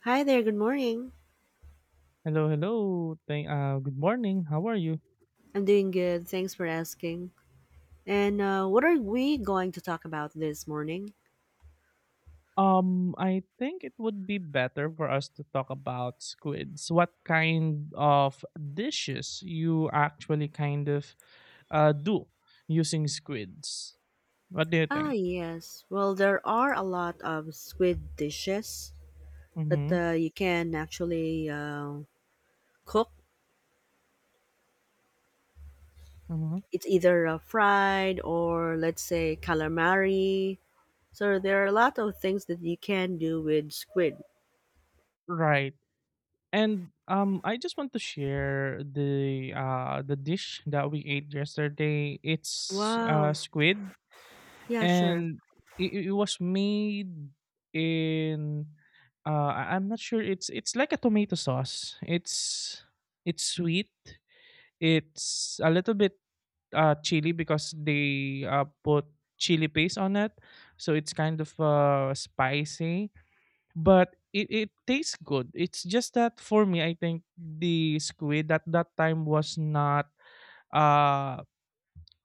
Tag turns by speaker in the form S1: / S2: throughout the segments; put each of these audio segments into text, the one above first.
S1: Hi there, good morning.
S2: Hello, hello. Good morning. How are you?
S1: I'm doing good, thanks for asking. And what are we going to talk about this morning?
S2: I think it would be better for us to talk about squids. What kind of dishes you actually kind of do using squids? What do you
S1: Ah,
S2: think?
S1: yes. Well, there are a lot of squid dishes that
S2: Mm-hmm.
S1: you can actually cook.
S2: Mm-hmm.
S1: It's either fried or, let's say, calamari. So there are a lot of things that you can do with squid.
S2: Right. And I just want to share the dish that we ate yesterday. It's
S1: Wow.
S2: squid,
S1: Yeah, sure.
S2: and it was made in I'm not sure, it's like a tomato sauce. It's sweet. It's a little bit chili because they put chili paste on it. So it's kind of spicy, but it tastes good. It's just that for me I think the squid at that time was not uh,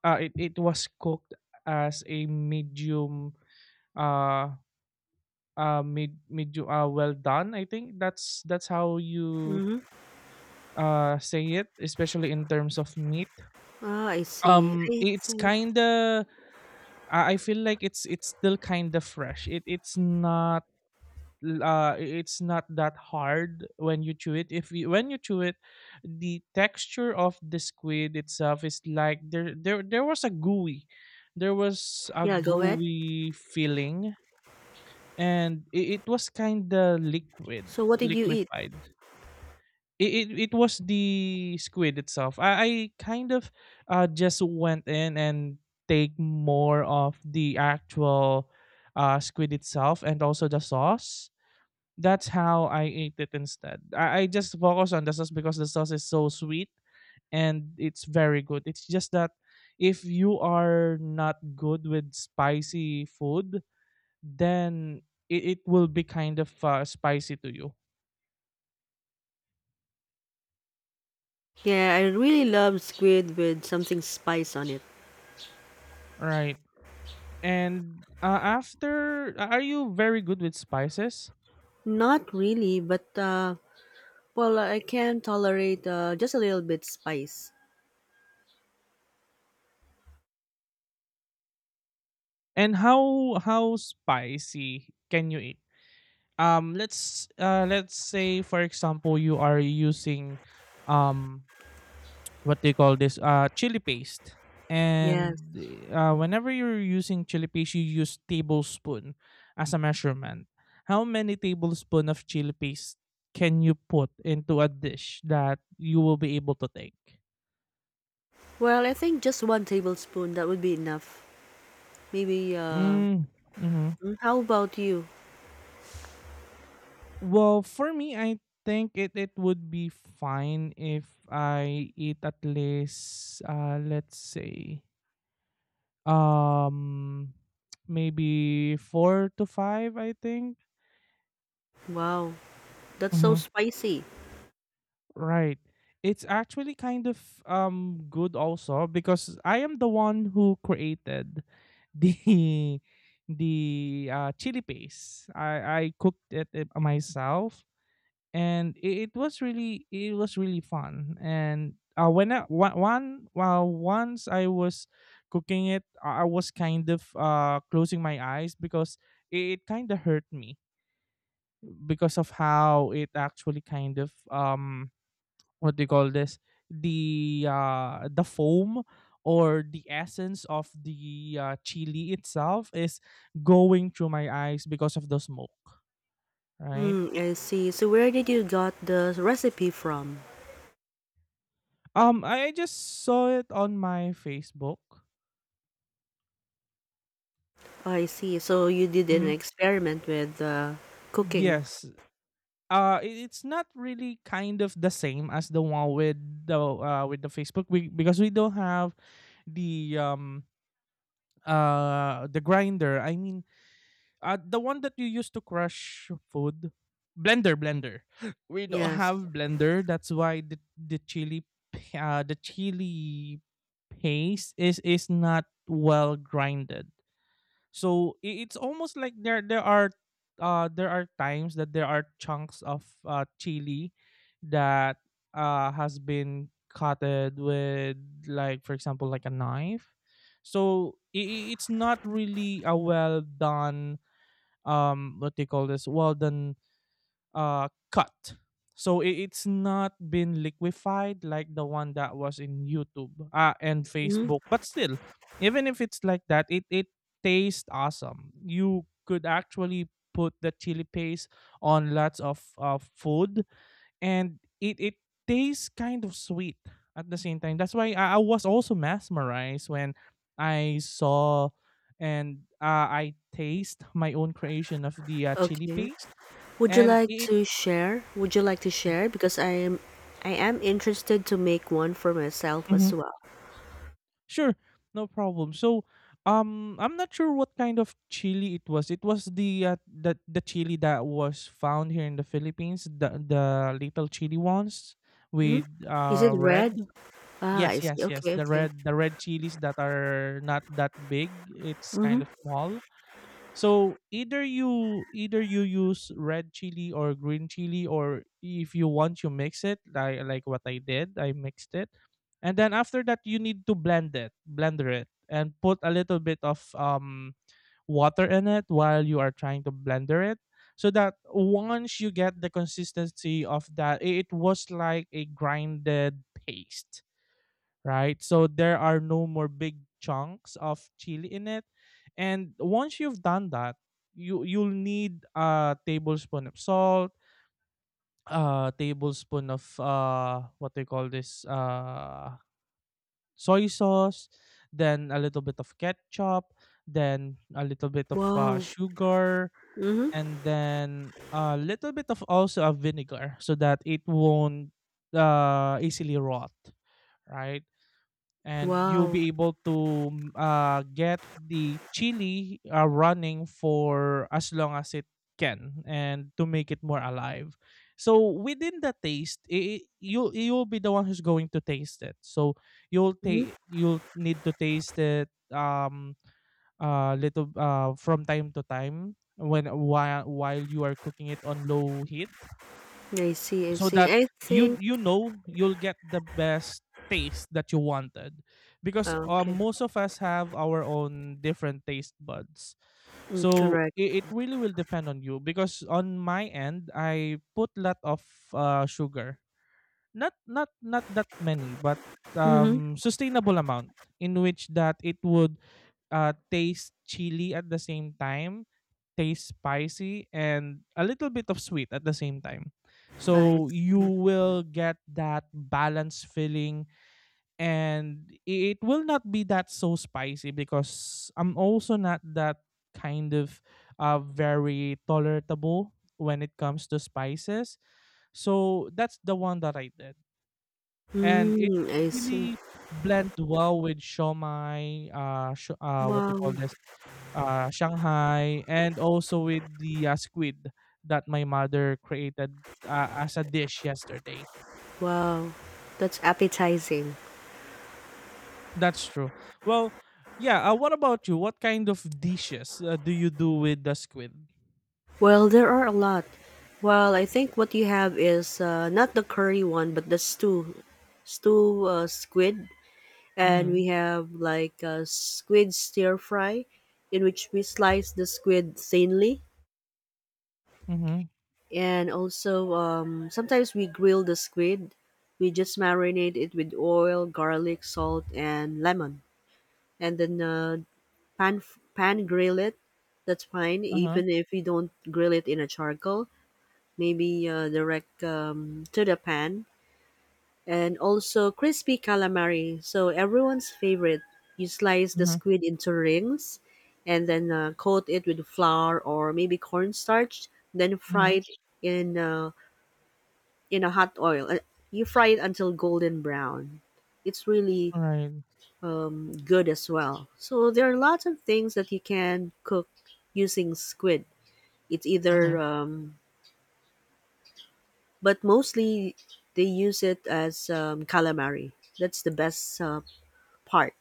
S2: it, it was cooked as a medium uh mid mid well done. I think that's how you
S1: Mm-hmm.
S2: say it, especially in terms of meat.
S1: Ah, I see. I
S2: It's
S1: see.
S2: kind of, I feel like it's still kind of fresh. It's not it's not that hard when you chew it. If you, when you chew it, the texture of the squid itself is like, there was a gooey, there was a
S1: Yeah, go ahead.
S2: gooey feeling, and it was kind of liquid,
S1: So what did you eat?
S2: liquefied. It it, it was the squid itself. I kind of just went in and take more of the actual squid itself and also the sauce. That's how I ate it instead. I just focus on the sauce because the sauce is so sweet and it's very good. It's just that if you are not good with spicy food, then it will be kind of spicy to you,
S1: Yeah, I really love squid with something spice on it.
S2: right? And After, are you very good with spices?
S1: Not really, but well, I can tolerate just a little bit spice.
S2: And how spicy can you eat? Let's let's say for example you are using um what they call this chili paste,
S1: Yes.
S2: and whenever you're using chili paste you use tablespoon as a measurement. How many tablespoon of chili paste can you put into a dish that you will be able to take?
S1: Well, I think just one tablespoon that would be enough. Maybe.
S2: Mm, hmm
S1: How about you?
S2: well for me, I think it would be fine if I eat at least let's say, um maybe four to five, I think.
S1: Wow, that's so spicy.
S2: Right. It's actually kind of good also because I am the one who created the the chili paste. I cooked it myself and it was really, it was really fun. And When once I was cooking it, I was kind of closing my eyes because it kind of hurt me because of how it actually kind of what do you call this, the foam or the essence of the chili itself is going through my eyes because of the smoke, right?
S1: Hmm, I see. So where did you got the recipe from?
S2: I just saw it on my Facebook.
S1: Oh, I see. So you did an
S2: Mhm.
S1: experiment with cooking.
S2: Yes, it's not really kind of the same as the one with the Facebook, we, because we don't have the um the grinder, I mean, the one that you use to crush food, blender, blender. We don't
S1: Yes.
S2: have blender. That's why the chili, the chili paste is not well grinded. So it's almost like there are there are times that there are chunks of chili that has been cutted with, like for example, like a knife. So it's not really a well done, what they call this, well done cut. So it's not been liquefied like the one that was in YouTube and
S1: Hmm.
S2: Facebook, but still, even if it's like that, it tastes awesome. You could actually put the chili paste on lots of food, and it tastes kind of sweet at the same time. That's why I was also mesmerized when I saw and I taste my own creation of the chili
S1: Okay.
S2: paste,
S1: Would you
S2: and
S1: like
S2: it,
S1: to share? Would you like to share? Because I am interested to make one for myself as
S2: Mhm.
S1: well.
S2: Sure, no problem. So I'm not sure what kind of chili it was. It was the the chili that was found here in the Philippines, the little chili ones
S1: Hmm?
S2: with
S1: Is it red?
S2: red.
S1: Ah, I
S2: Yes,
S1: see.
S2: yes, yes.
S1: Okay,
S2: The
S1: okay.
S2: red, the red chilies that are not that big, it's kind of
S1: Mm-hmm.
S2: small. So either you, either you use red chili or green chili, or if you want you mix it, like what I did, I mixed it. And then after that you need to blend it, blender it, and put a little bit of water in it while you are trying to blender it, so that once you get the consistency of that, it was like a grinded paste, right? So there are no more big chunks of chili in it. And once you've done that, you'll need a tablespoon of salt, a tablespoon of what they call this soy sauce, then a little bit of ketchup, then a little bit of
S1: Wow.
S2: sugar,
S1: Mm-hmm.
S2: and then a little bit of also a vinegar so that it won't easily rot, right? And you'll
S1: Wow.
S2: be able to get the chili running for as long as it can, and to make it more alive. So within the taste, you'll be the one who's going to taste it, so
S1: Mm-hmm.
S2: you'll need to taste it, little from time to time when, while you are cooking it on low heat,
S1: I see. I
S2: so that
S1: see. I think.
S2: you know, you'll get the best taste that you wanted, because
S1: Ah, okay.
S2: most of us have our own different taste buds.
S1: Mm,
S2: So
S1: correct.
S2: it really will depend on you, because on my end I put lot of sugar, not that many, but
S1: Mm-hmm.
S2: sustainable amount, in which that it would taste chili at the same time, taste spicy and a little bit of sweet at the same time.
S1: I
S2: So you
S1: see.
S2: will get that balanced feeling, and it will not be that so spicy because I'm also not that kind of very tolerable when it comes to spices. So that's the one that I did. And it
S1: Mm, I see.
S2: really blend well with siomai, sio what they
S1: Wow.
S2: call this, Shanghai, and also with the, squid that my mother created, as a dish yesterday.
S1: Wow. That's appetizing.
S2: That's true. Well, yeah, what about you? What kind of dishes, do you do with the squid?
S1: Well, there are a lot. Well, I think what you have is not the curry one, but the stew, squid, and
S2: Mhm.
S1: we have like a squid stir fry, in which we slice the squid thinly,
S2: Mhm.
S1: and also sometimes we grill the squid. We just marinate it with oil, garlic, salt, and lemon, and then pan pan grill it. That's fine,
S2: Uh-huh.
S1: even if you don't grill it in a charcoal maybe direct to the pan, and also crispy calamari. So everyone's favorite. You slice the
S2: Mhm.
S1: squid into rings, and then coat it with flour or maybe cornstarch. Then
S2: Mhm.
S1: fry it in uh, in a hot oil. You fry it until golden brown. It's really
S2: Alright.
S1: good as well. So there are lots of things that you can cook using squid. It's either
S2: Mhm.
S1: but mostly they use it as calamari. That's the best part.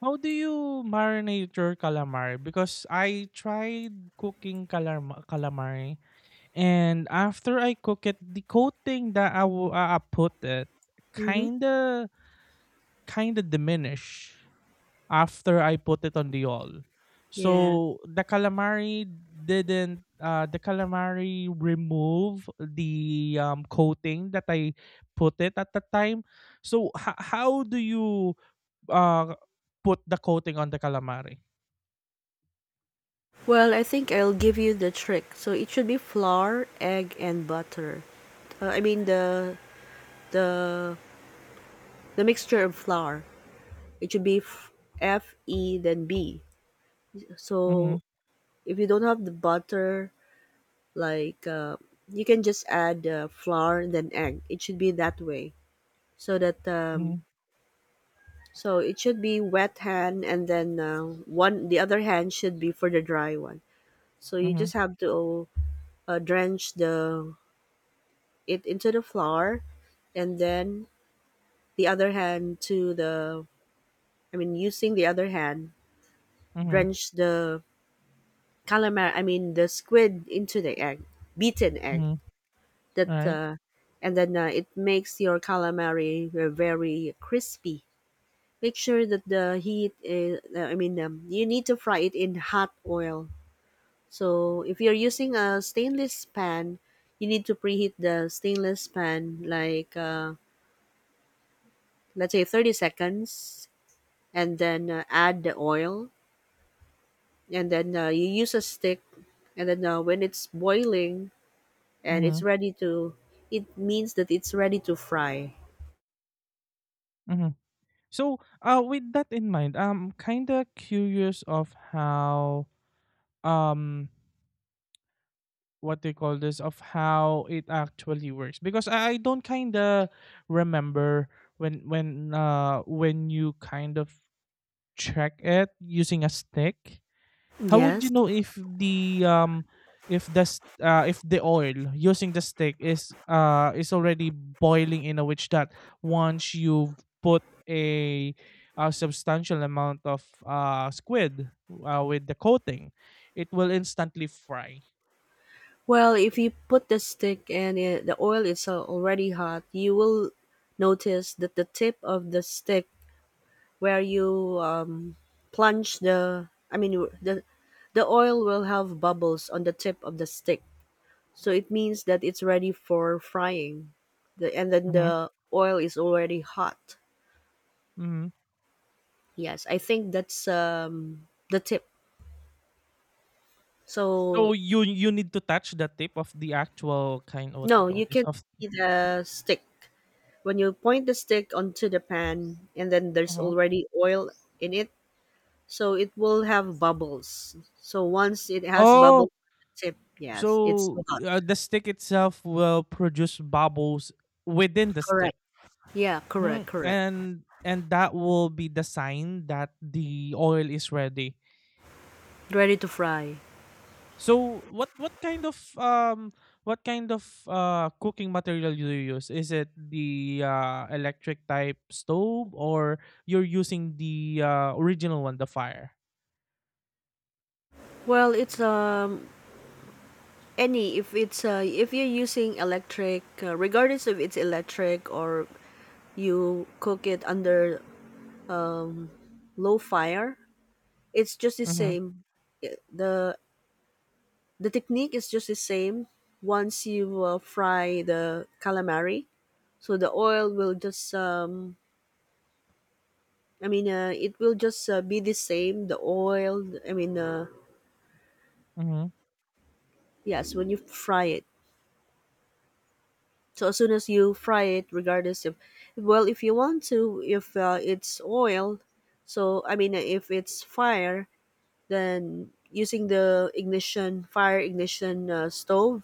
S2: How do you marinate your calamari? Because I tried cooking calamari, and after I cook it, the coating that I put it
S1: Mm-hmm.
S2: kinda, kinda diminish after I put it on the oil.
S1: Yeah.
S2: So the calamari didn't the calamari remove the coating that I put it at the time. So how do you uh put the coating on the calamari?
S1: Well, I think I'll give you the trick. So it should be flour, egg, and butter. I mean the the mixture of flour. It should be F E then B. So
S2: Mhm.
S1: if you don't have the butter, like you can just add flour and then egg. It should be that way so that
S2: Mhm.
S1: so it should be wet hand, and then one the other hand should be for the dry one. So you
S2: Mhm.
S1: just have to drench the it into the flour, and then the other hand to the I mean using the other hand
S2: Mhm.
S1: drench the calamari I mean the squid into the egg, beaten egg
S2: Mhm.
S1: that
S2: Right.
S1: and then it makes your calamari very crispy. Make sure that the heat is, I mean, you need to fry it in hot oil. So if you're using a stainless pan, you need to preheat the stainless pan like let's say 30 seconds and then add the oil and then you use a stick and then when it's boiling and it's
S2: Mhm.
S1: ready to it means that it's ready to fry.
S2: Mhm. So, with that in mind, I'm kinda curious of how, um, what they call this, of how it actually works, because I don't kinda remember when, when you kind of check it using a stick. How would
S1: Yes.
S2: you know if the if the if the oil using the stick is already boiling, in a which that once you've put a, a substantial amount of squid with the coating, it will instantly fry.
S1: Well, if you put the stick and the oil is already hot, you will notice that the tip of the stick where you plunge the I mean the oil will have bubbles on the tip of the stick. So it means that it's ready for frying. The And then
S2: Hmm.
S1: the oil is already hot.
S2: Hmm.
S1: Yes, I think that's the tip. So
S2: So you need to touch the tip of the actual kind of, what you
S1: no,
S2: call
S1: you
S2: this,
S1: can
S2: of
S1: see the stick. When you point the stick onto the pan and then there's
S2: uh
S1: already oil in it, so it will have bubbles. So once it has
S2: oh,
S1: bubbles on the tip, yes, it's
S2: so
S1: hot.
S2: the stick itself will produce bubbles within the stick.
S1: Correct. Yeah, correct,
S2: Mm,
S1: correct.
S2: and that will be the sign that the oil is ready.
S1: Ready to fry.
S2: So what kind of cooking material do you use? Is it the electric type stove, or you're using the original one, the fire?
S1: Well, it's any if you're using electric, regardless if it's electric or you cook it under low fire, it's just the
S2: Mm-hmm.
S1: same. I- The the technique is just the same once you fry the calamari. So the oil will just I mean it will just be the same the oil I mean
S2: Mm-hmm.
S1: yes when you fry it. So as soon as you fry it, regardless if, well, if you want to, if it's oil, so I mean, if it's fire, then using the ignition, fire ignition stove,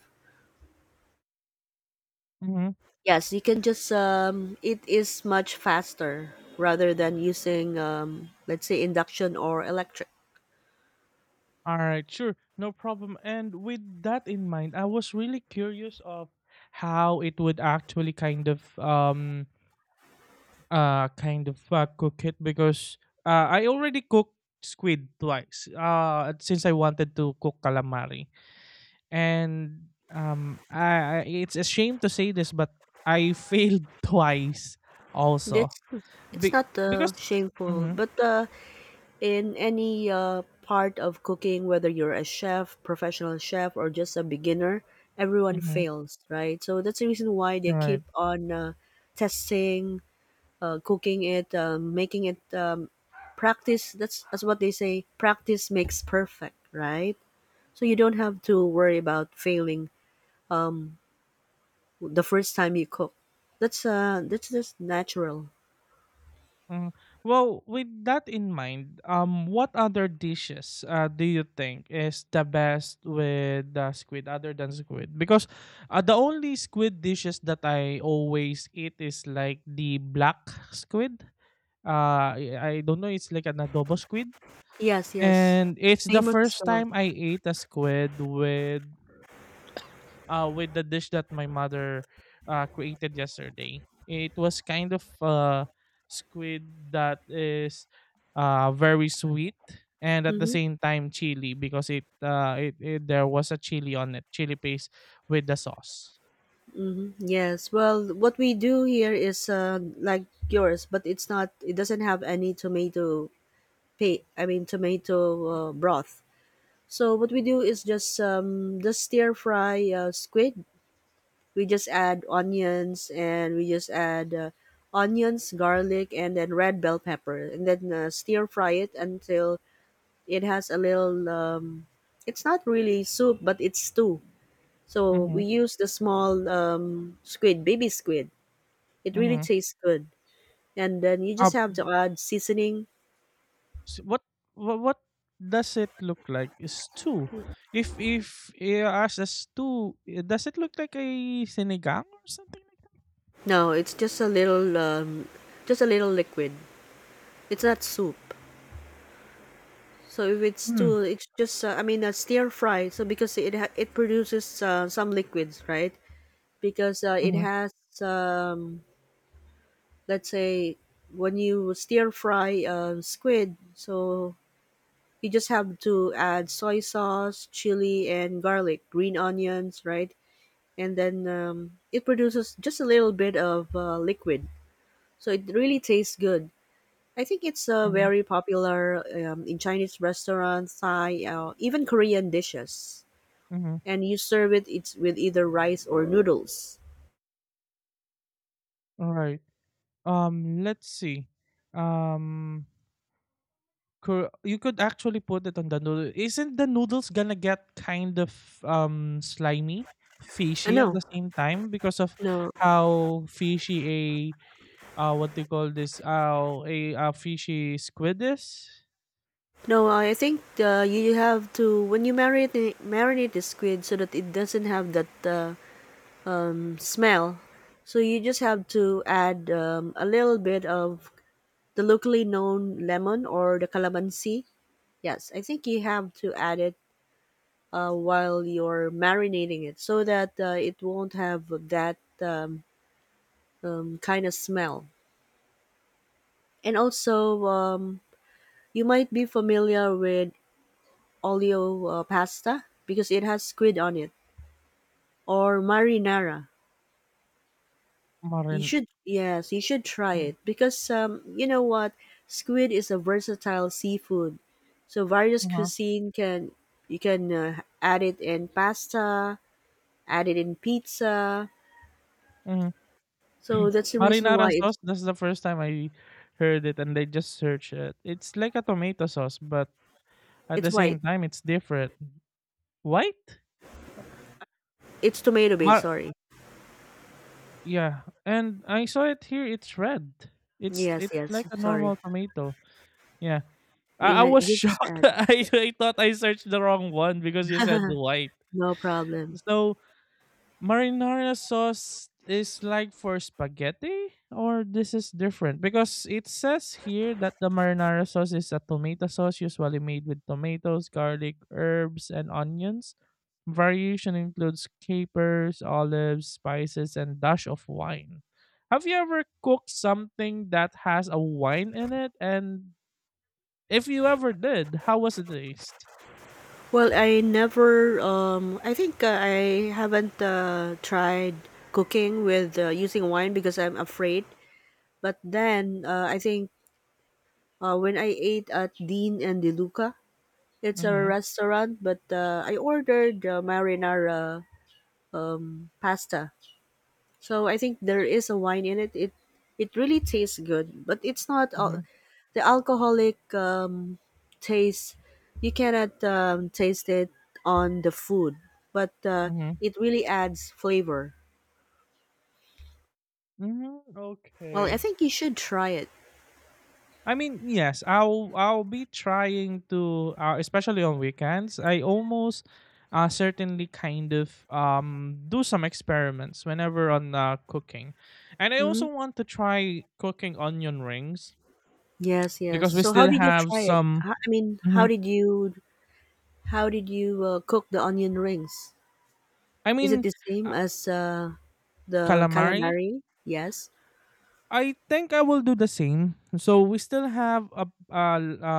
S2: Mm-hmm.
S1: yes, you can just, it is much faster rather than using, let's say, induction or electric.
S2: All right, sure, no problem. And with that in mind, I was really curious of how it would actually kind of cook it, because I already cooked squid twice. Since I wanted to cook calamari, and I, it's a shame to say this, but I failed twice also.
S1: That's it's
S2: Be-
S1: not
S2: because.
S1: shameful,
S2: Mm-hmm.
S1: but in any part of cooking, whether you're a chef, professional chef, or just a beginner, everyone fails, right? So that's the reason why they keep
S2: Mm-hmm.
S1: on testing, cooking it, making it practice. That's what they say. Practice makes perfect, right? So you don't have to worry about failing um, the first time you cook. That's just natural.
S2: Mm. Well, with that in mind, what other dishes do you think is the best with the squid other than squid? Because the only squid dishes that I always eat is like the black squid. I don't know, it's like an adobo squid.
S1: Yes, yes.
S2: And
S1: It's
S2: it's the
S1: famous as
S2: first
S1: well.
S2: time I ate a squid with the dish that my mother created yesterday. It was kind of squid that is very sweet and at the
S1: Mm-hmm,
S2: same time chili because it, it there was a chili on it, chili paste with the sauce.
S1: mm-hmm. Yes. Well, what we do here is like yours, but it's not. It doesn't have any tomato paste. I mean, tomato broth. So what we do is just just stir fry squid. We just add onions and we just add onions, garlic, and then red bell pepper, and then stir fry it until it has a little. It's not really soup, but it's stew. So we
S2: Mhm.
S1: use the small squid, baby squid. It really
S2: Mhm.
S1: tastes good. And then you
S2: Uh
S1: just have to add seasoning.
S2: s what does it look like? Is too. If you ask us too, does it look like a sinigang or something like
S1: No, it's just a little, liquid. It's not soup. So if it's
S2: Mm,
S1: too, it's just I mean a stir fry. So because it produces some liquids, right? Because it
S2: mhm,
S1: has um, let's say when you stir fry squid, so you just have to add soy sauce, chili, and garlic, green onions, right? And then it produces just a little bit of liquid. So it really tastes good. I think it's
S2: mhm,
S1: very popular in Chinese restaurants, Thai, even Korean dishes.
S2: mhm.
S1: And you serve it it's with either rice or noodles.
S2: Alright. Let's see. Um Cor You could actually put it on the noodle. Isn't the noodles gonna get kind of, slimy, fishy at
S1: No,
S2: the same time because of
S1: no,
S2: how fishy what they call this, fishy squid is?
S1: no. I think you have to when you marinate the squid so that it doesn't have that smell. So you just have to add a little bit of the locally known lemon or the calamansi. Yes, I think you have to add it while you're marinating it so that it won't have that kind of smell. And also, you might be familiar with olio pasta because it has squid on it or marinara. You
S2: Marin
S1: should, yes, you should try it because you know what, squid is a versatile seafood, so various
S2: Uh-huh,
S1: cuisine can you can add it in pasta, add it in pizza.
S2: mhm.
S1: So that's the reason why
S2: Marinara
S1: it's
S2: sauce, that's the first time I heard it, and I just searched it. It's like a tomato sauce, but at
S1: it's
S2: the
S1: white.
S2: same time it's different. White?
S1: It's tomato based.
S2: Mar-
S1: Sorry.
S2: yeah. And I saw it here, it's red. It's
S1: Yes,
S2: it's
S1: yes.
S2: like a
S1: Sorry.
S2: normal tomato. Yeah. I was
S1: You just
S2: shocked.
S1: add.
S2: I thought I searched the wrong one because you said white.
S1: No problem.
S2: So marinara sauce is like for spaghetti, or this is different, because it says here that the marinara sauce is a tomato sauce usually made with tomatoes, garlic, herbs, and onions. Variation includes capers, olives, spices, and dash of wine. Have you ever cooked something that has a wine in it, and if you ever did, how was it taste?
S1: Well, I never. I think I haven't tried cooking with using wine because I'm afraid. But then I think when I ate at Dean and DeLuca, it's a
S2: Mm-hmm.
S1: restaurant, but I ordered marinara pasta. So I think there is a wine in it. It really tastes good, but it's not
S2: Mm-hmm.
S1: the alcoholic taste. You cannot taste it on the food, but
S2: Mm-hmm.
S1: it really adds flavor.
S2: Mm-hmm.
S1: Well, I
S2: Okay.
S1: think you should try it.
S2: I mean, yes, I'll be trying to, especially on weekends. I almost certainly kind of do some experiments whenever on cooking, and I
S1: Hmm.
S2: also want to try cooking onion rings
S1: Yes, yes.
S2: because we
S1: So how
S2: still
S1: did you
S2: have
S1: try it?
S2: some.
S1: I mean,
S2: Mhm.
S1: how did you cook the onion rings?
S2: I
S1: Is it
S2: mean,
S1: the same
S2: uh,
S1: as the
S2: calamari.
S1: calamari? Yes.
S2: I think I will do the same. So we still have a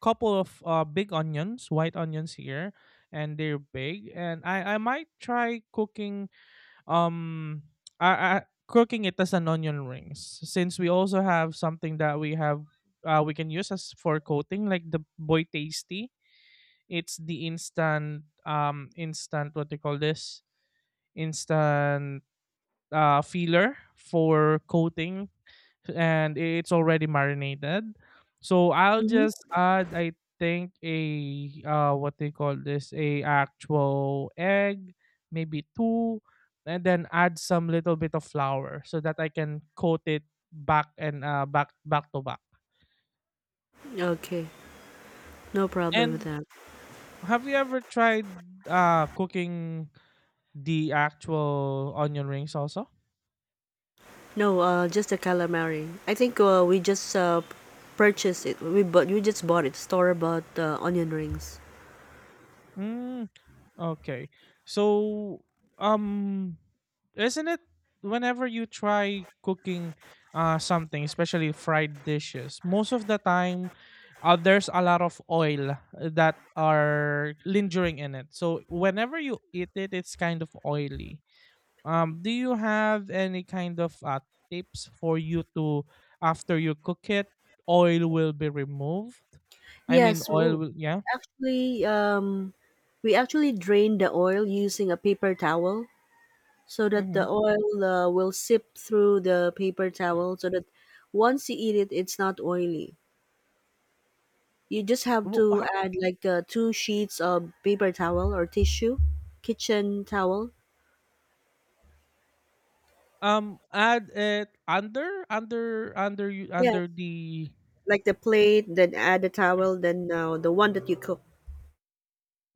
S2: couple of big onions, white onions here, and they're big. And I might try cooking um I, I, cooking it as an onion rings, since we also have something that we can use as for coating, like the boy tasty. It's the instant what they call this instant filler for coating, and it's already marinated. So I'll
S1: Mm-hmm.
S2: just add, I think, a what they call this, a actual egg, maybe two, and then add some little bit of flour so that I can coat it back, and back to back.
S1: Okay, no problem with
S2: And
S1: that.
S2: have you ever tried cooking the actual onion rings also?
S1: No, just the calamari. I think we just purchased it. We bought. You just bought it. Store bought onion rings.
S2: Mm, okay. So, um, isn't it whenever you try cooking something, especially fried dishes, most of the time there's a lot of oil that are lingering in it. So whenever you eat it, it's kind of oily. Do you have any kind of tips for you to, after you cook it, oil will be removed? I mean,
S1: Yes,
S2: oil will, yeah.
S1: actually, we actually drain the oil using a paper towel so that
S2: Mm-hmm.
S1: the oil will sip through the paper towel so that once you eat it, it's not oily. You just have
S2: Wo-
S1: to
S2: ho-
S1: add like two sheets of paper towel or tissue, kitchen towel.
S2: Add it
S1: Yes,
S2: under the...
S1: like the plate, then add the towel, then the one that you cook.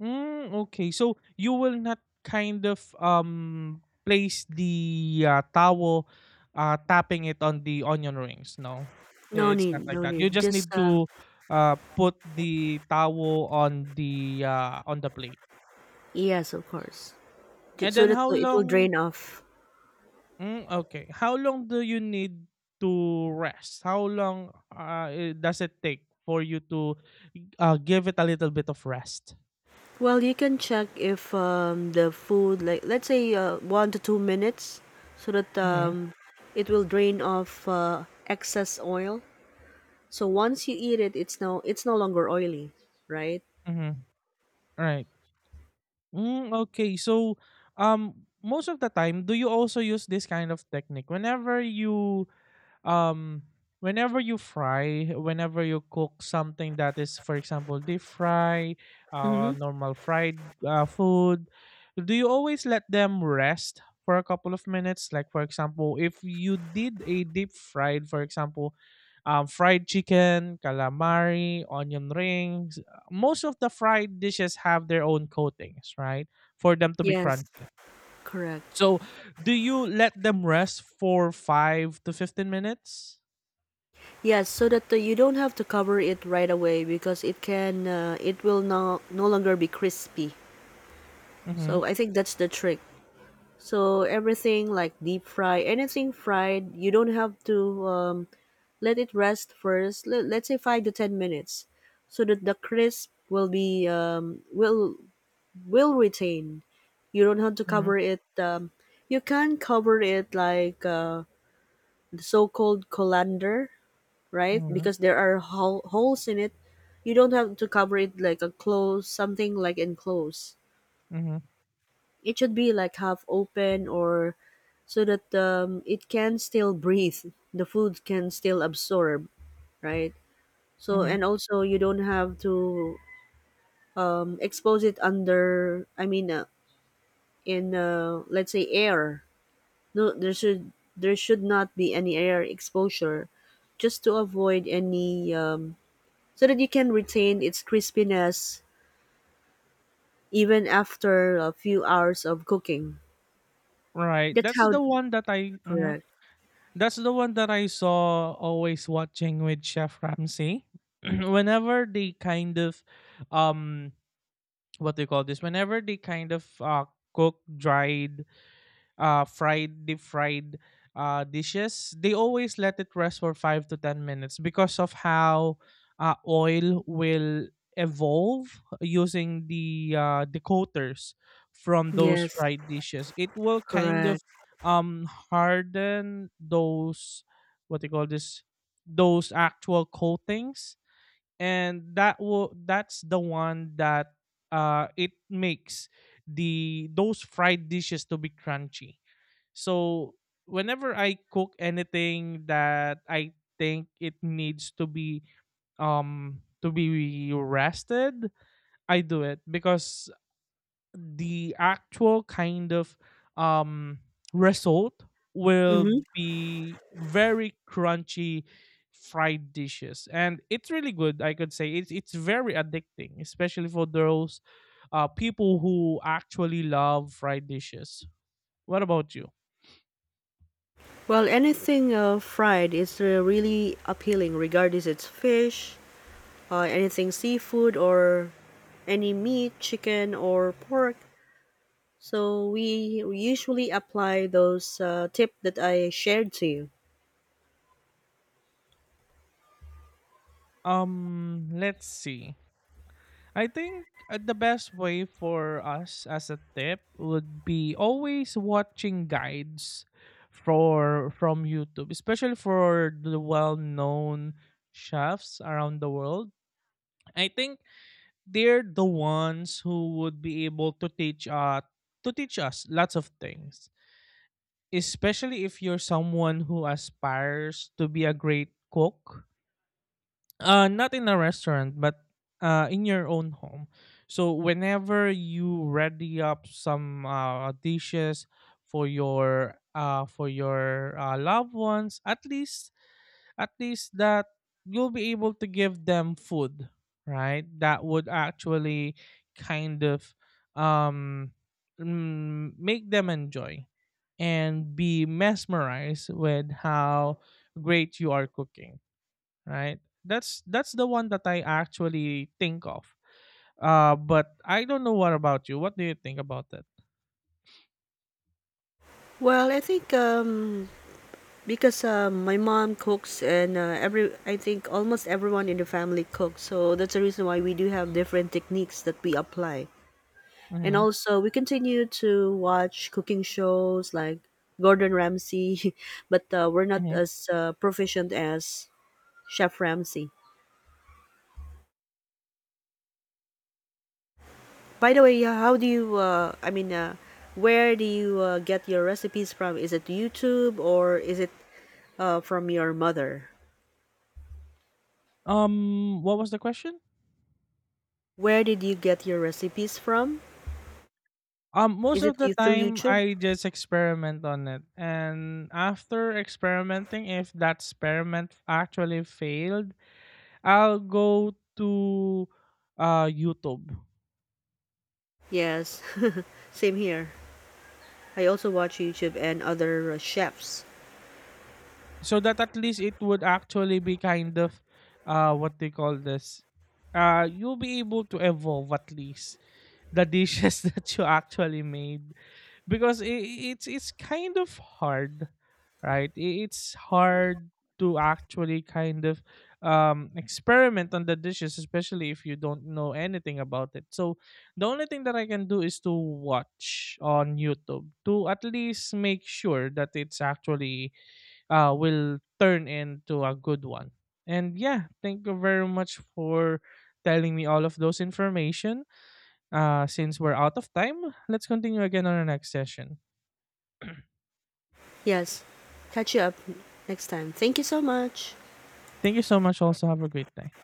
S2: Mm, okay. So you will not kind of place the towel, tapping it on the onion rings, no?
S1: No
S2: It's not
S1: need,
S2: like
S1: no
S2: that. You
S1: need.
S2: just
S1: Just
S2: need to put the towel on the plate.
S1: yes, of course,
S2: And
S1: so
S2: then
S1: that
S2: how
S1: it will
S2: long?
S1: drain off.
S2: Mm, okay. How long do you need to rest? How long does it take for you to give it a little bit of rest?
S1: Well, you can check if the food, like let's say 1 to 2 minutes, so that
S2: Mhm.
S1: it will drain off excess oil. So once you eat it, it's no longer oily, right?
S2: Mhm. Right. Mm, okay. So, most of the time, do you also use this kind of technique um whenever you fry whenever you cook something that is, for example, deep fry,
S1: Mm-hmm.
S2: normal fried food? Do you always let them rest for a couple of minutes, like, for example, if you did a deep fried, for example, fried chicken, calamari, onion rings? Most of the fried dishes have their own coatings, right, for them to be
S1: Yes.
S2: crunchy?
S1: Correct.
S2: So do you let them rest for 5 to 15 minutes?
S1: Yes, so that you don't have to cover it right away because it will no longer be crispy.
S2: Mhm,
S1: So I think that's the trick. So everything like deep fry, anything fried, you don't have to let it rest first. Let's say 5 to 10 minutes, so that the crisp will be will retain. You don't have to
S2: mhm,
S1: cover it. You can cover it like the so-called colander, right?
S2: mhm,
S1: Because there are holes in it. You don't have to cover it like a close something like enclosed.
S2: mhm,
S1: It should be like half open or so that it can still breathe. The food can still absorb, right? So
S2: mhm.
S1: and also you don't have to expose it under. I mean, in let's say air. No, there should not be any air exposure just to avoid any so that you can retain its crispiness even after a few hours of cooking.
S2: Right,
S1: That's
S2: that's
S1: how
S2: the one that I, mhm,
S1: correct.
S2: that's the one that I saw always watching with Chef Ramsay. Whenever they kind of, um, what do you call this? Whenever they kind of cook dried, fried, deep fried dishes, they always let it rest for 5 to 10 minutes, because of how oil will evolve using the decoters from those
S1: Yes,
S2: fried dishes. It will kind
S1: correct.
S2: of harden those, what they call this, those actual coatings, and that's the one that it makes the those fried dishes to be crunchy. So whenever I cook anything that I think it needs to be rested, I do it because the actual kind of um result will
S1: Hmm.
S2: be very crunchy fried dishes, and it's really good, I could say. It's very addicting, especially for those people who actually love fried dishes. What about you?
S1: Well, anything fried is really appealing, regardless it's fish, anything seafood, or any meat, chicken or pork. So we usually apply those tip that I shared to you.
S2: Let's see. I think the best way for us as a tip would be always watching guides for from YouTube, especially for the well-known chefs around the world. I think they're the ones who would be able to teach us lots of things, especially if you're someone who aspires to be a great cook, not in a restaurant, but in your own home. So whenever you ready up some dishes for your loved ones, at least that you'll be able to give them food, right? That would actually kind of um, make them enjoy and be mesmerized with how great you are cooking, right? That's the one that I actually think of. But I don't know, what about you? What do you think about that?
S1: Well, I think because my mom cooks, and every I think almost everyone in the family cooks, so that's the reason why we do have different techniques that we apply. And
S2: Mm-hmm.
S1: also, we continue to watch cooking shows like Gordon Ramsay, but we're not
S2: Mm-hmm.
S1: as proficient as Chef Ramsay. By the way, how do you? I mean, where do you get your recipes from? Is it YouTube or is it from your mother?
S2: What was the question?
S1: Where did you get your recipes from?
S2: Most
S1: Is it
S2: of the
S1: you through
S2: time,
S1: YouTube?
S2: I just experiment on it, and after experimenting, if that experiment actually failed, I'll go to YouTube,
S1: Yes, same here. I also watch YouTube and other chefs.
S2: so that at least it would actually be kind of what they call this. You'll be able to evolve at least the dishes that you actually made. Because I it's kind of hard, right? It's hard to actually kind of experiment on the dishes, especially if you don't know anything about it. So the only thing that I can do is to watch on YouTube, to at least make sure that it's actually will turn into a good one. And, yeah, thank you very much for telling me all of those information. Since we're out of time, let's continue again on our next session.
S1: Yes, catch you up next time. Thank you so much.
S2: Thank you so much also. Have a great day.